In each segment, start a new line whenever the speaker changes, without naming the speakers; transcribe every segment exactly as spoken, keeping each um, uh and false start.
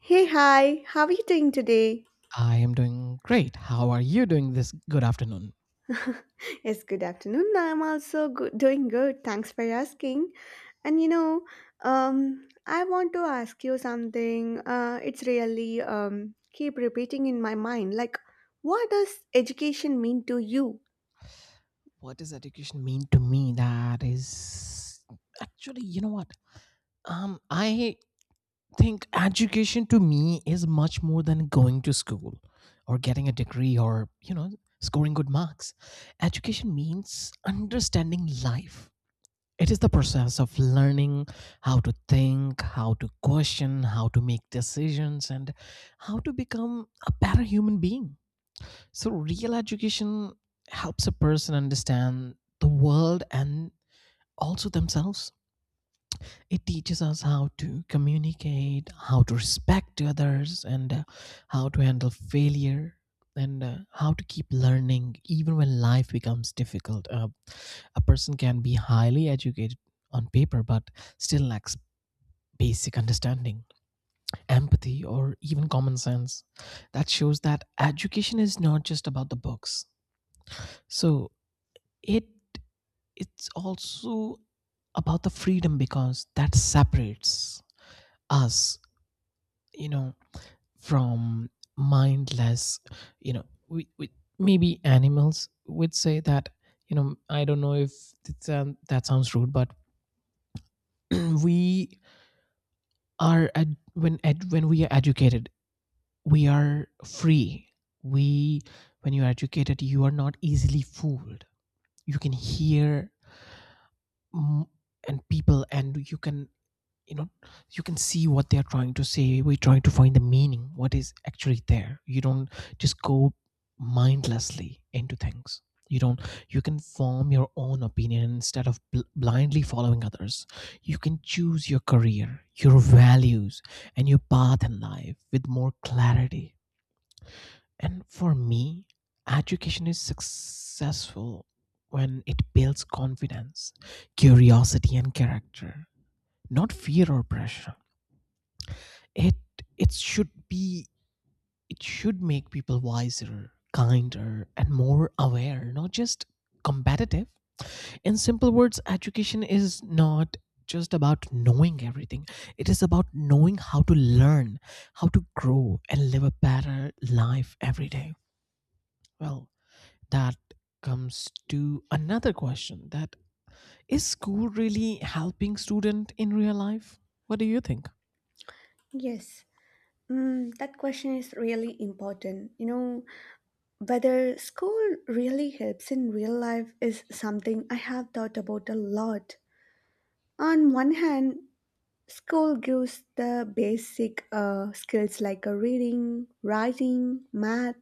Hey, hi, how are you doing today?
I am doing great. How are you doing this good afternoon?
Yes, good afternoon. I'm also good, doing good. Thanks for asking. And you know, um, I want to ask you something. Uh, it's really um, keep repeating in my mind. Like, what does education mean to you?
What does education mean to me? That is actually, you know what? Um, I think education to me is much more than going to school or getting a degree or you know scoring good marks. Education means understanding life. It is the process of learning how to think, how to question, how to make decisions, and how to become a better human being. So real education helps a person understand the world and also themselves. It teaches us how to communicate, how to respect others, and uh, how to handle failure, and uh, how to keep learning even when life becomes difficult. Uh, a person can be highly educated on paper, but still lacks basic understanding, empathy, or even common sense. That shows that education is not just about the books. So it it's also about the freedom, because that separates us, you know from mindless, you know we, we maybe animals would say that. You know I don't know if it's, um, that sounds rude, but we are ed- when ed- when we are educated we are free. We When you are educated you are not easily fooled. You can hear, mm, and people, and you can, you know you can see what they are trying to say. We're trying to find the meaning, what is actually there. You don't just go mindlessly into things. You don't You can form your own opinion instead of bl- blindly following others. You can choose your career, your values, and your path in life with more clarity. And for me, education is successful when it builds confidence, curiosity, and character, not fear or pressure. It it should be it should make people wiser, kinder, and more aware, not just competitive. In simple words, education is not just about knowing everything. It is about knowing how to learn, how to grow, and live a better life every day. Well, that comes to another question. That is, school really helping student in real life? What do you think?
Yes. Mm, that question is really important. You know, whether school really helps in real life is something I have thought about a lot. On one hand, school gives the basic uh, skills like uh, reading, writing, math,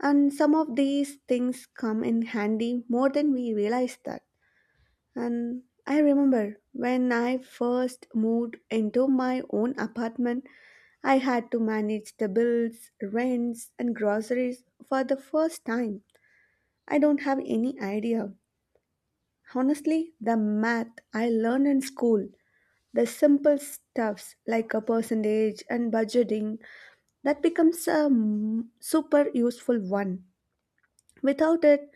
and some of these things come in handy more than we realize that. And I remember when I first moved into my own apartment, I had to manage the bills, rents, and groceries for the first time. I don't have any idea. Honestly, the math I learned in school, the simple stuffs like a percentage and budgeting, that becomes a mm, super useful one. Without it,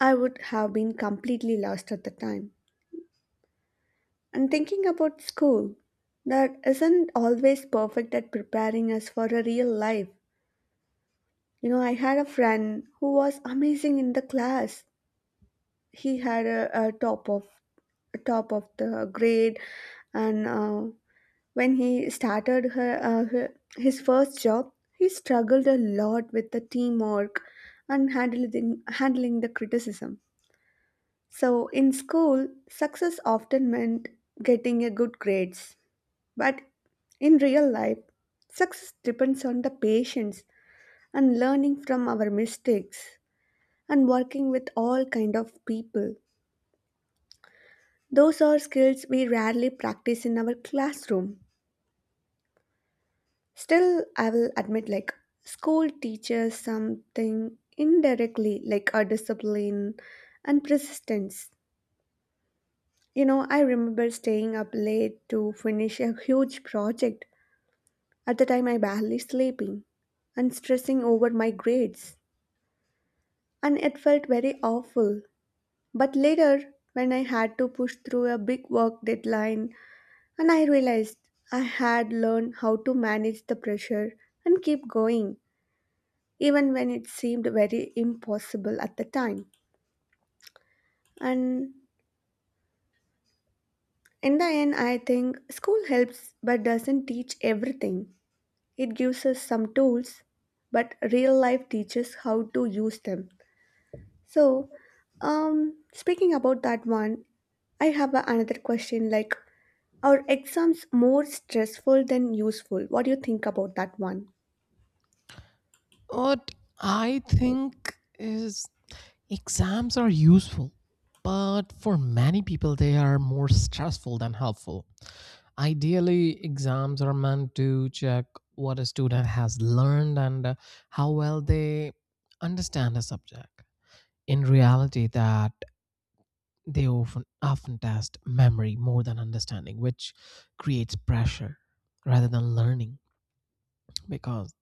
I would have been completely lost at the time. And thinking about school, that isn't always perfect at preparing us for a real life. You know, I had a friend who was amazing in the class. He had a, a top of top of the grade. And uh, when he started her, uh, her- his first job, he struggled a lot with the teamwork and handling, handling the criticism. So, in school, success often meant getting a good grades. But in real life, success depends on the patience and learning from our mistakes and working with all kind of people. Those are skills we rarely practice in our classroom. Still, I will admit, like, school teaches something indirectly, like a discipline and persistence. You know, I remember staying up late to finish a huge project. At the time, I barely sleeping and stressing over my grades, and it felt very awful. But later, when I had to push through a big work deadline, and I realized I had learned how to manage the pressure and keep going, even when it seemed very impossible at the time. And in the end, I think school helps but doesn't teach everything. It gives us some tools, but real life teaches how to use them. So, um, speaking about that one, I have a- another question like, are exams more stressful than useful? What do you think about that one?
What I think is, exams are useful, but for many people, they are more stressful than helpful. Ideally, exams are meant to check what a student has learned and uh, how well they understand a subject. In reality, that they often often test memory more than understanding, which creates pressure rather than learning, because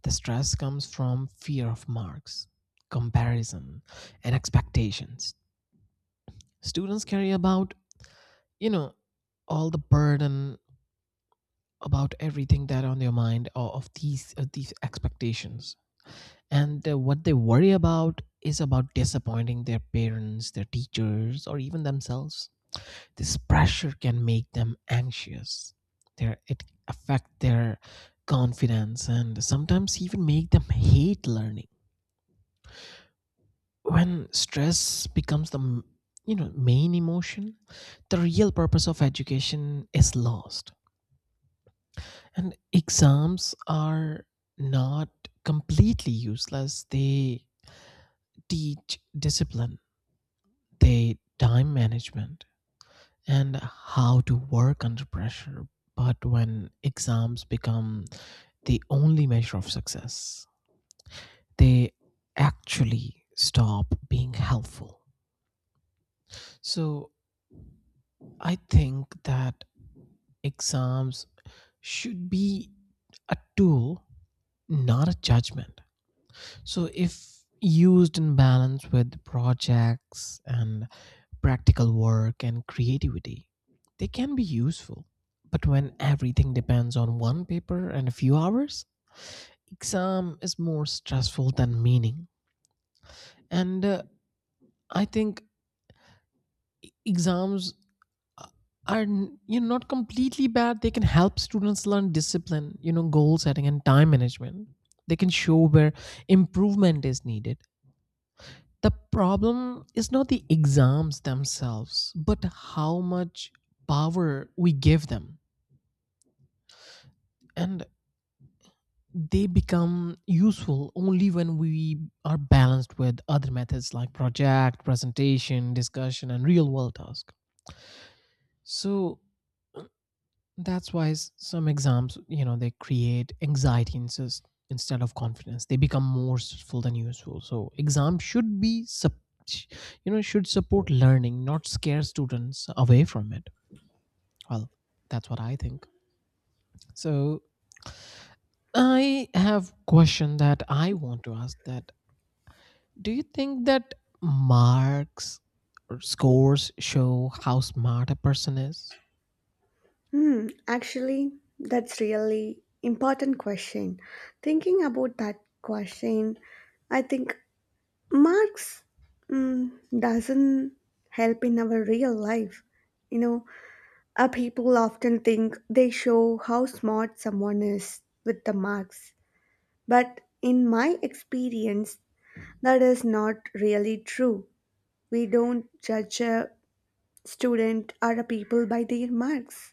the stress comes from fear of marks, comparison, and expectations. Students carry about, you know, all the burden about everything that on their mind, or of these of these expectations. And uh, what they worry about is about disappointing their parents, their teachers, or even themselves. This pressure can make them anxious. Their, it affect their confidence, and sometimes even make them hate learning. When stress becomes the m- you know, main emotion, the real purpose of education is lost. And exams are not completely useless. They teach discipline, they time management, and how to work under pressure. But when exams become the only measure of success, they actually stop being helpful. So I think that exams should be a tool, not a judgment. So, if used in balance with projects and practical work and creativity, they can be useful. But when everything depends on one paper and a few hours, exam is more stressful than meaning. And uh, I think exams uh, are n- you know, not completely bad. They can help students learn discipline, you know, goal setting and time management. They can show where improvement is needed. The problem is not the exams themselves, but how much power we give them. And they become useful only when we are balanced with other methods like project, presentation, discussion, and real world task. So that's why s- some exams, you know, they create anxiety insist- instead of confidence. They become more stressful than useful. So exams should be, sup- you know, should support learning, not scare students away from it. Well, that's what I think. So I have question that I want to ask, that do you think that marks or scores show how smart a person is?
Hmm, actually, that's really important question. Thinking about that question, I think Marx mm, doesn't help in our real life. You know, uh, people often think they show how smart someone is with the marks, but in my experience, that is not really true. We don't judge a student or a people by their marks.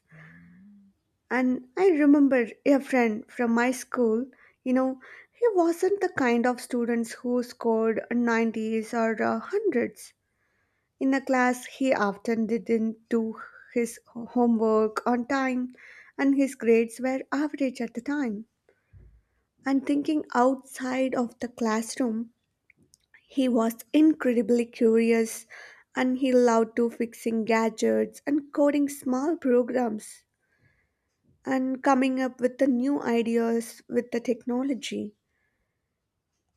And I remember a friend from my school, you know, he wasn't the kind of students who scored nineties or uh, hundreds. In a class, he often didn't do his homework on time, and his grades were average at the time. And thinking outside of the classroom, he was incredibly curious and he loved to fixing gadgets and coding small programs and coming up with the new ideas with the technology.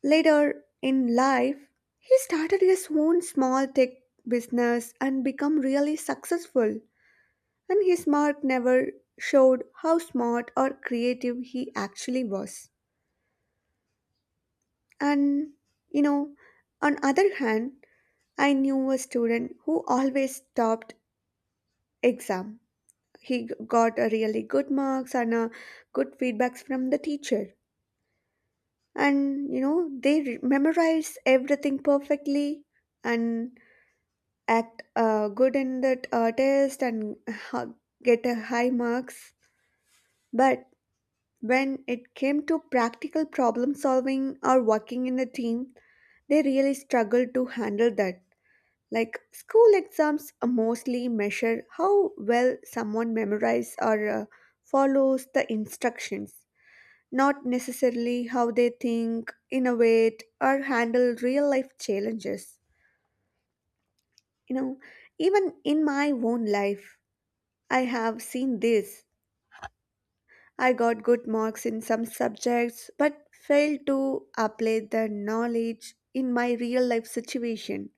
Later in life, he started his own small tech business and became really successful. And his mark never showed how smart or creative he actually was. And you know, on other hand, I knew a student who always topped exam. He got a really good marks and a good feedbacks from the teacher, and you know they re- memorize everything perfectly and act uh, good in that uh, test and ha- get a high marks. But when it came to practical problem solving or working in a team, they really struggle to handle that. Like school exams mostly measure how well someone memorizes or uh, follows the instructions, not necessarily how they think, innovate, or handle real life challenges. You know, even in my own life, I have seen this. I got good marks in some subjects but failed to apply the knowledge in my real life situation.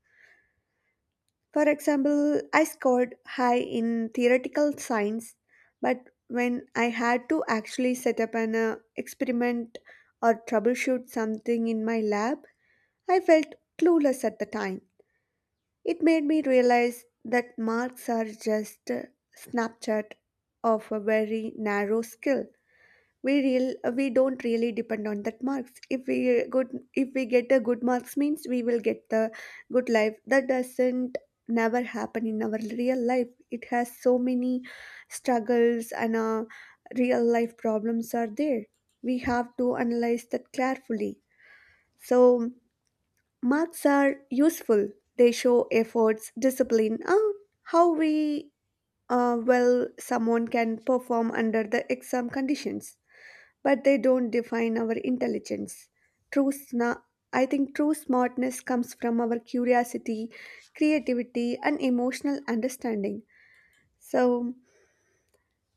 For example, I scored high in theoretical science, but when I had to actually set up an uh, experiment or troubleshoot something in my lab, I felt clueless at the time. It made me realize that marks are just a snapshot of a very narrow skill. We real we don't really depend on that marks. If we good if we get a good marks means we will get the good life. That doesn't never happen in our real life. It has so many struggles and uh, real life problems are there. We have to analyze that carefully. So marks are useful. They show efforts, discipline, and how we uh, well someone can perform under the exam conditions. But they don't define our intelligence. True, sna- I think true smartness comes from our curiosity, creativity, and emotional understanding. So,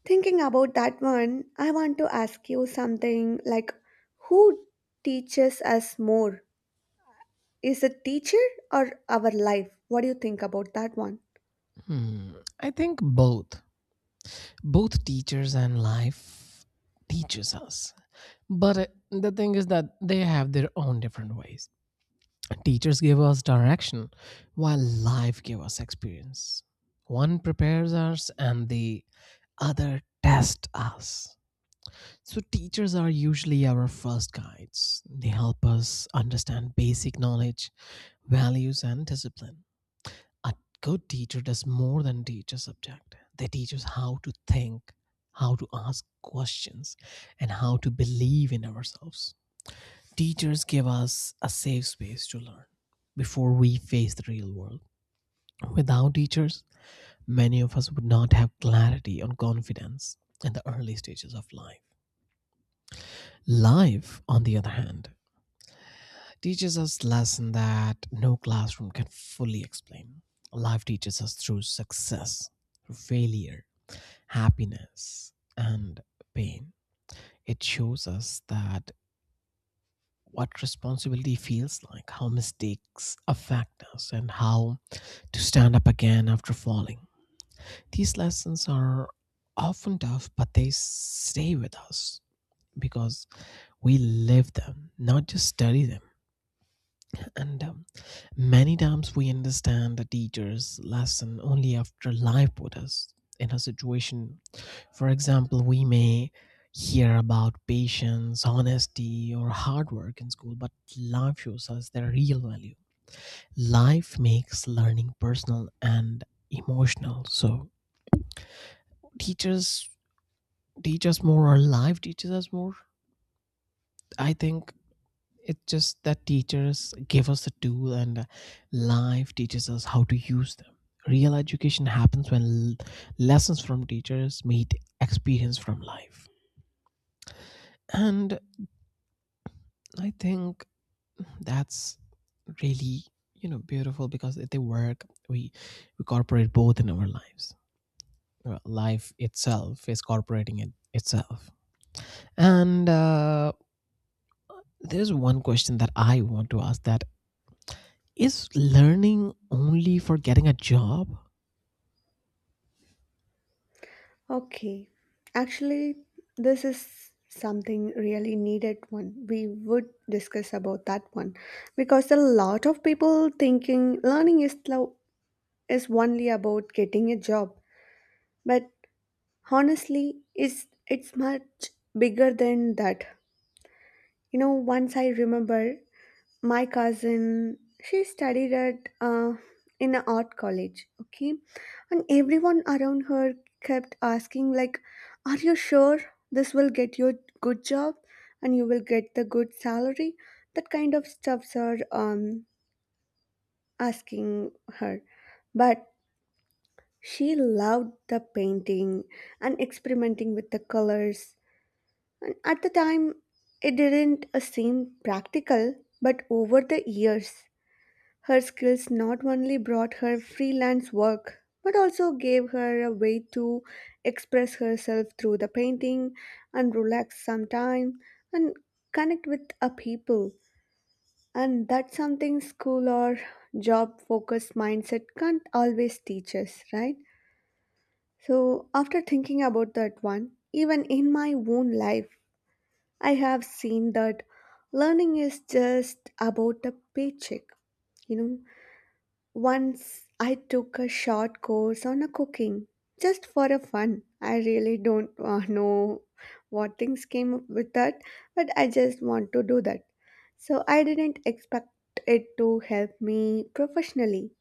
thinking about that one, I want to ask you something like, who teaches us more? Is it teacher or our life? What do you think about that one?
Hmm. I think both. Both teachers and life teaches us. But uh, the thing is that they have their own different ways. Teachers give us direction while life give us experience. One prepares us and the other test us. So, teachers are usually our first guides. They help us understand basic knowledge, values, and discipline. A good teacher does more than teach a subject, they teach us how to think, how to ask questions, and how to believe in ourselves. Teachers give us a safe space to learn before we face the real world. Without teachers, many of us would not have clarity on confidence in the early stages of life. Life, on the other hand, teaches us lesson that no classroom can fully explain. Life teaches us through success, failure, happiness, and pain. It shows us that what responsibility feels like, how mistakes affect us, and how to stand up again after falling. These lessons are often tough, but they stay with us because we live them, not just study them. And um, many times we understand the teacher's lesson only after life put us in a situation. For example, we may hear about patience, honesty, or hard work in school, but life shows us their real value. Life makes learning personal and emotional. So teachers teach us more, or life teaches us more. I think it's just that teachers give us the tool, and uh, life teaches us how to use them. Real education happens when l- lessons from teachers meet experience from life. And I think that's really, you know, beautiful because they work. We, we incorporate both in our lives. Well, life itself is incorporating it itself. And uh, there's one question that I want to ask, that is learning only for getting a job?
Okay. Actually, this is something really needed one. We would discuss about that one because a lot of people thinking learning is lo- is only about getting a job, but honestly, it's it's much bigger than that. You know, once I remember my cousin, she studied at uh, in an art college, okay, and everyone around her kept asking like, are you sure this will get you a good job and you will get the good salary, that kind of stuffs are um, asking her. But she loved the painting and experimenting with the colors, and at the time it didn't uh, seem practical, but over the years her skills not only brought her freelance work, but also gave her a way to express herself through the painting and relax some time and connect with a people. And that's something school or job focused mindset can't always teach us, right? So, after thinking about that one, even in my own life, I have seen that learning is just about a paycheck, you know. Once I took a short course on a cooking just for a fun. I really don't uh, know what things came up with that, but I just want to do that. So I didn't expect it to help me professionally,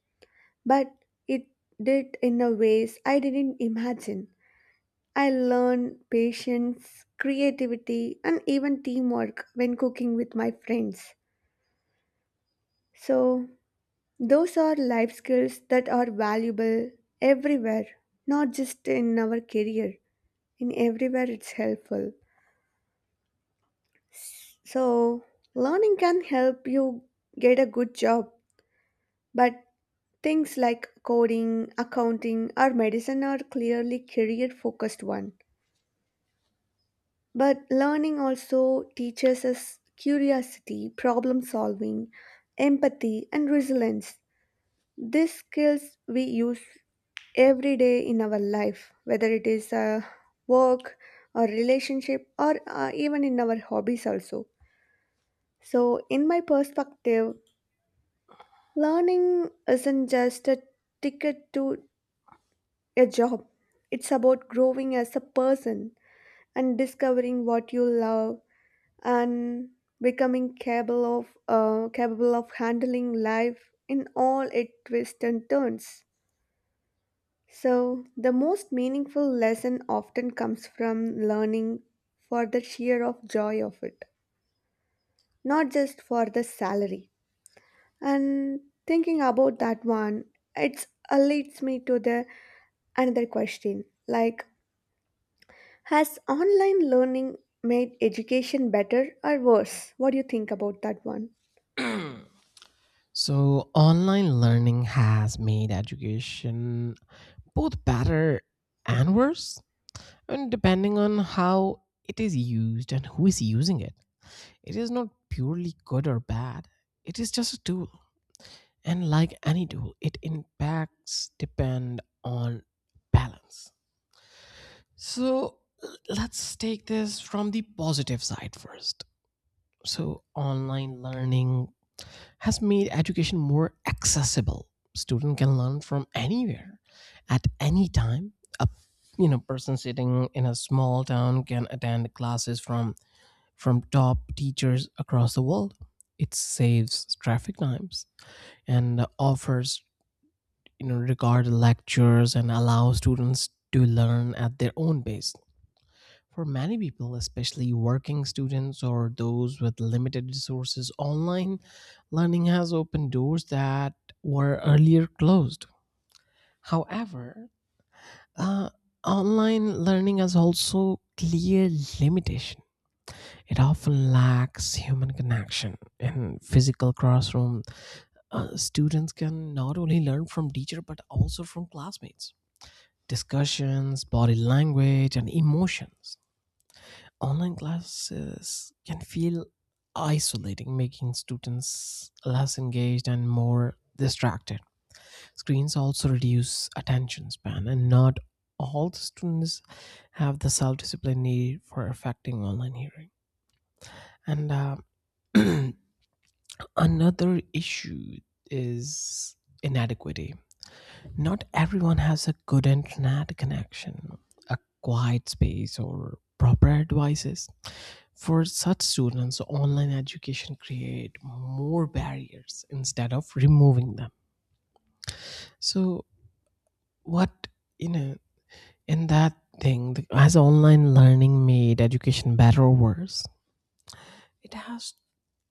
but it did in a ways I didn't imagine. I learned patience, creativity, and even teamwork when cooking with my friends. So those are life skills that are valuable everywhere, not just in our career, in everywhere it's helpful. So, learning can help you get a good job, but things like coding, accounting, or medicine are clearly career focused one. But learning also teaches us curiosity, problem solving, empathy, and resilience. These skills we use every day in our life, whether it is uh, work or relationship or uh, even in our hobbies also. So, in my perspective, learning isn't just a ticket to a job, it's about growing as a person and discovering what you love and becoming capable of uh, capable of handling life in all its twists and turns. So, the most meaningful lesson often comes from learning for the sheer of joy of it, not just for the salary. And thinking about that one, it leads me to the another question, like, has online learning made education better or worse? What do you think about that one?
So, online learning has made education both better and worse, and depending on how it is used and who is using it. It is not purely good or bad, it is just a tool. And like any tool, it impacts depend on balance. So, l- let's take this from the positive side first. So, online learning has made education more accessible. Student can learn from anywhere at any time. A, you know, person sitting in a small town can attend classes from from top teachers across the world. It saves traffic times and offers, you know, regard lectures, and allow students to learn at their own pace. For many people, especially working students or those with limited resources, online learning has opened doors that were earlier closed. However, uh, online learning has also clear limitation. It often lacks human connection. In physical classroom, uh, students can not only learn from teacher but also from classmates discussions, body language, and emotions. Online classes can feel isolating, making students less engaged and more distracted. Screens also reduce attention span, and not all the students have the self discipline needed for affecting online hearing. And uh, another issue is inadequacy. Not everyone has a good internet connection, a quiet space, or proper devices. For such students, online education create more barriers instead of removing them. So what, you know, in that thing, the- has online learning made education better or worse? It has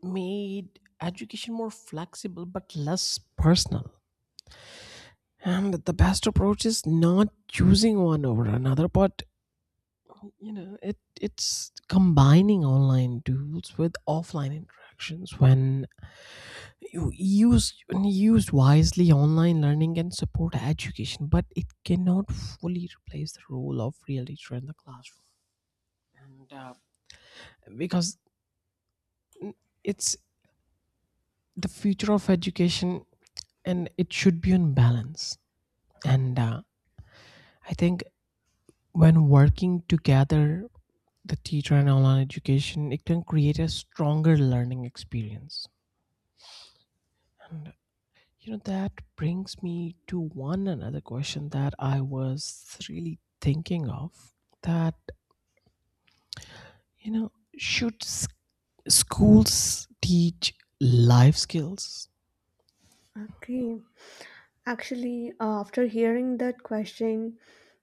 made education more flexible but less personal. And the best approach is not choosing one over another, but, you know, it it's combining online tools with offline interactions. When you used used wisely, online learning can support education, but it cannot fully replace the role of real teacher in the classroom. And uh, because it's the future of education, and it should be on balance. And uh, I think when working together, the teacher and online education, it can create a stronger learning experience. You know, that brings me to one another question that I was really thinking of, that, you know, should s- schools teach life skills?
Okay. Actually, uh, after hearing that question,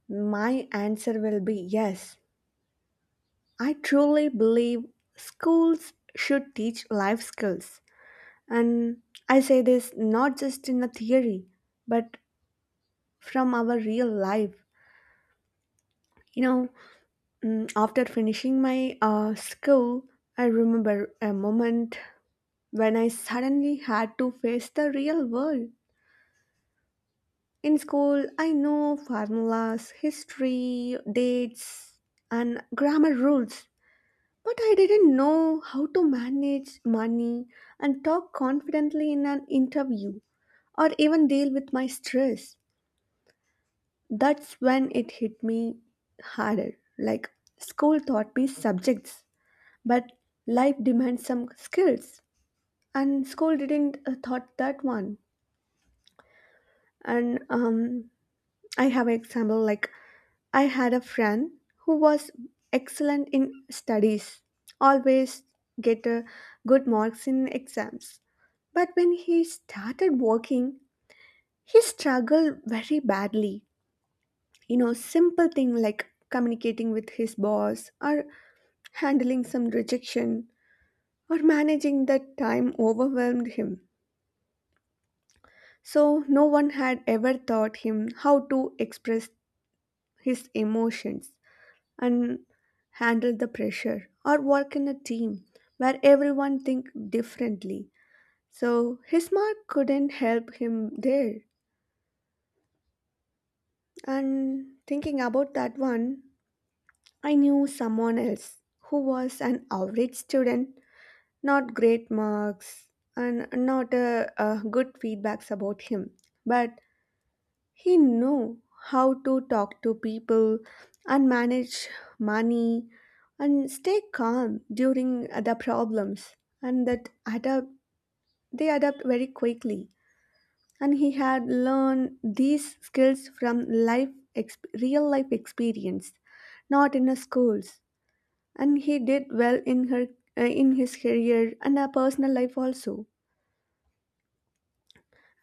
my answer will be yes. I truly believe schools should teach life skills. And I say this not just in a theory, but from our real life. You know, mm, after finishing my uh, school, I remember a moment when I suddenly had to face the real world. In school, I know formulas, history, dates, and grammar rules, but I didn't know how to manage money and talk confidently in an interview or even deal with my stress. That's when it hit me harder. Like, school taught me subjects, but life demands some skills, and school didn't uh, taught that one. And um, I have an example like I had a friend who was excellent in studies, always get a good marks in exams. But when he started working, he struggled very badly. You know, simple thing like communicating with his boss or handling some rejection or managing that time overwhelmed him. So no one had ever taught him how to express his emotions and handle the pressure or work in a team where everyone think differently. So his mark couldn't help him there. And thinking about that one, I knew someone else who was an average student, not great marks, and not a, a good feedbacks about him. But he knew how to talk to people and manage money and stay calm during the problems. And that adapt they adapt very quickly. And he had learned these skills from life, exp- real life experience, not in a schools. And he did well in her, uh, in his career and her personal life also.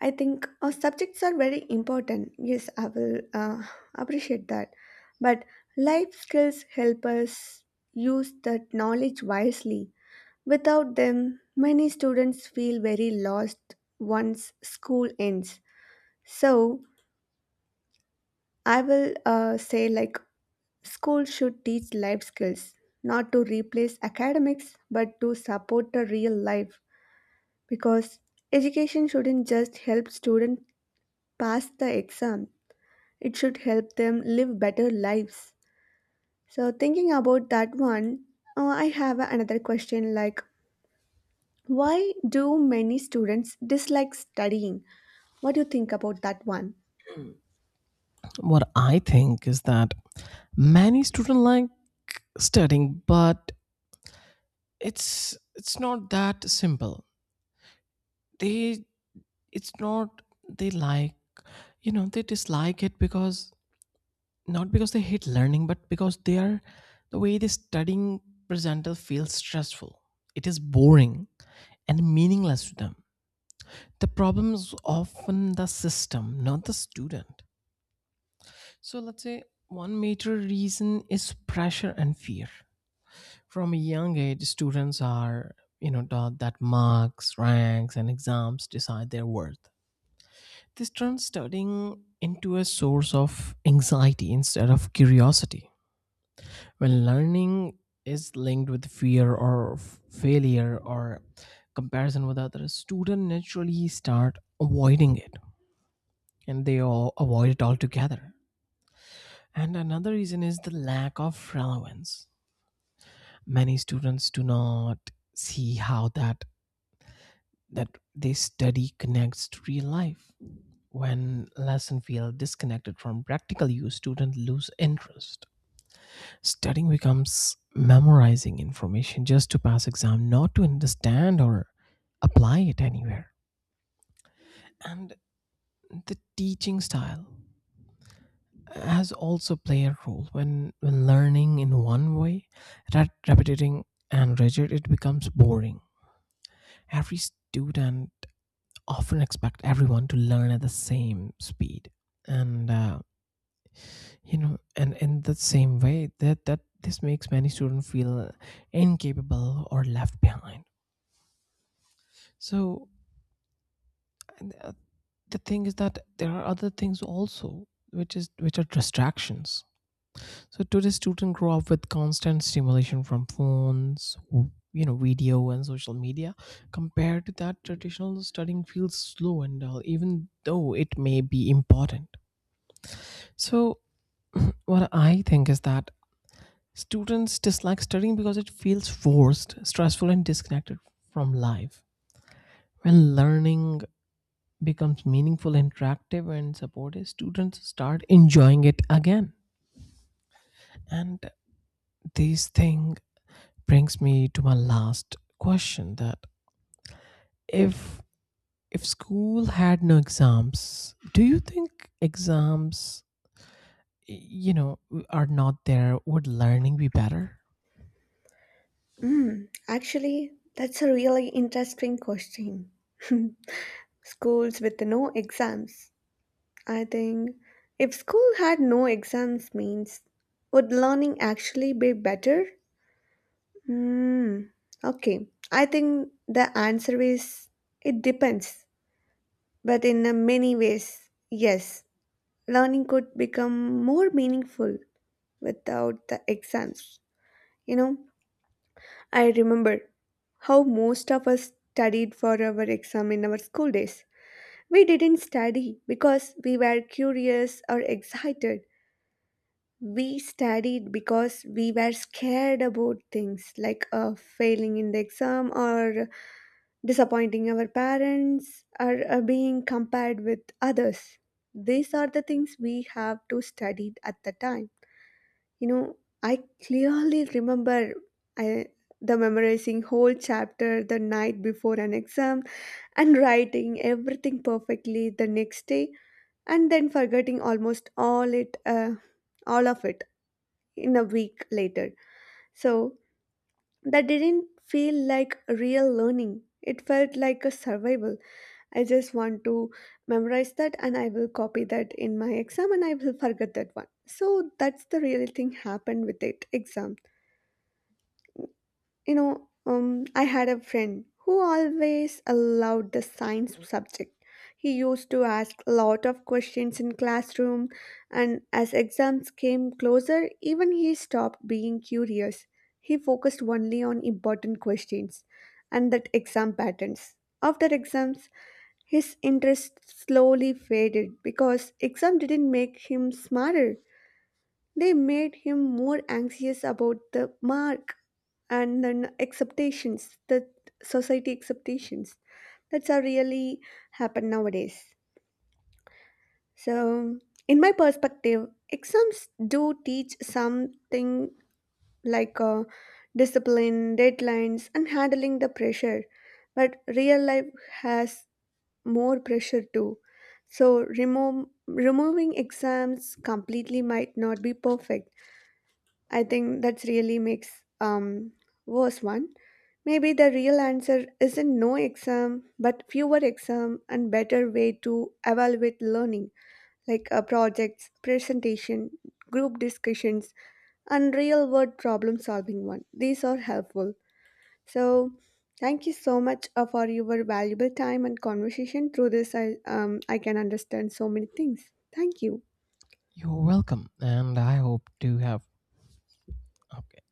I think our subjects are very important. Yes, I will uh, appreciate that. But life skills help us use that knowledge wisely. Without them, many students feel very lost once school ends. So, I will uh, say like, school should teach life skills, not to replace academics, but to support the real life, because education shouldn't just help students pass the exam. It should help them live better lives. So, thinking about that one, uh, I have another question like, why do many students dislike studying? What do you think about that one?
What I think is that many students like studying, but it's it's not that simple. They it's not they like you know they dislike it, because not because they hate learning, but because they are the way they studying presenter feels stressful. It is boring and meaningless to them. The problem is often the system, not the student. So let's say one major reason is pressure and fear. From a young age, students are, you know, taught that marks, ranks, and exams decide their worth. This turns studying into a source of anxiety instead of curiosity. When learning is linked with fear or f- failure or comparison with others, students naturally start avoiding it, and they all avoid it altogether. And another reason is the lack of relevance. Many students do not see how that that they study connects to real life. When lesson feel disconnected from practical use, students lose interest. Studying becomes memorizing information just to pass exam, not to understand or apply it anywhere. And the teaching style has also played a role. When when learning in one way, that repetitive and rigid, it becomes boring. Every student often expect everyone to learn at the same speed, and, uh, you know, and in the same way, that that this makes many students feel incapable or left behind. So And uh, the thing is that there are other things also which is which are distractions. So today's students grow up with constant stimulation from phones, w- you know, video and social media. Compared to that, traditional studying feels slow and dull, even though it may be important. So what I think is that students dislike studying because it feels forced, stressful, and disconnected from life. When learning becomes meaningful, interactive, and supportive, students start enjoying it again. And this thing brings me to my last question, that if if school had no exams, do you think exams y- you know are not there, would learning be better?
Mm, actually, that's a really interesting question. Schools with no exams. I think if school had no exams means would learning actually be better? Hmm. Okay. I think the answer is it depends, but in a many ways, yes. Learning could become more meaningful without the exams. You know, I remember how most of us studied for our exam in our school days. We didn't study because we were curious or excited. We studied because we were scared about things like uh, failing in the exam or disappointing our parents, or uh, being compared with others. These are the things we have to study at the time. You know, I clearly remember I, the memorizing whole chapter the night before an exam and writing everything perfectly the next day and then forgetting almost all it uh, all of it in a week later. So that didn't feel like real learning. It felt like a survival. I just want to memorize that and I will copy that in my exam and I will forget that one. So that's the real thing happened with it exam. You know, um, I had a friend who always allowed the science subject. He used to ask a lot of questions in classroom, and as exams came closer, even he stopped being curious. He focused only on important questions and that exam patterns. After exams, his interest slowly faded because exam didn't make him smarter. They made him more anxious about the mark and then acceptations, the society acceptations. That's how really happen nowadays. So, in my perspective, exams do teach something like uh, discipline, deadlines, and handling the pressure. But real life has more pressure too. So remove, removing exams completely might not be perfect. I think that's really makes um worse one. Maybe the real answer isn't no exam, but fewer exam and better way to evaluate learning, like uh, projects, presentation, group discussions, and real world problem solving one. These are helpful. So, thank you so much uh, for your valuable time and conversation. Through this, I, um, I can understand so many things. Thank you.
You're welcome. And I hope to have okay.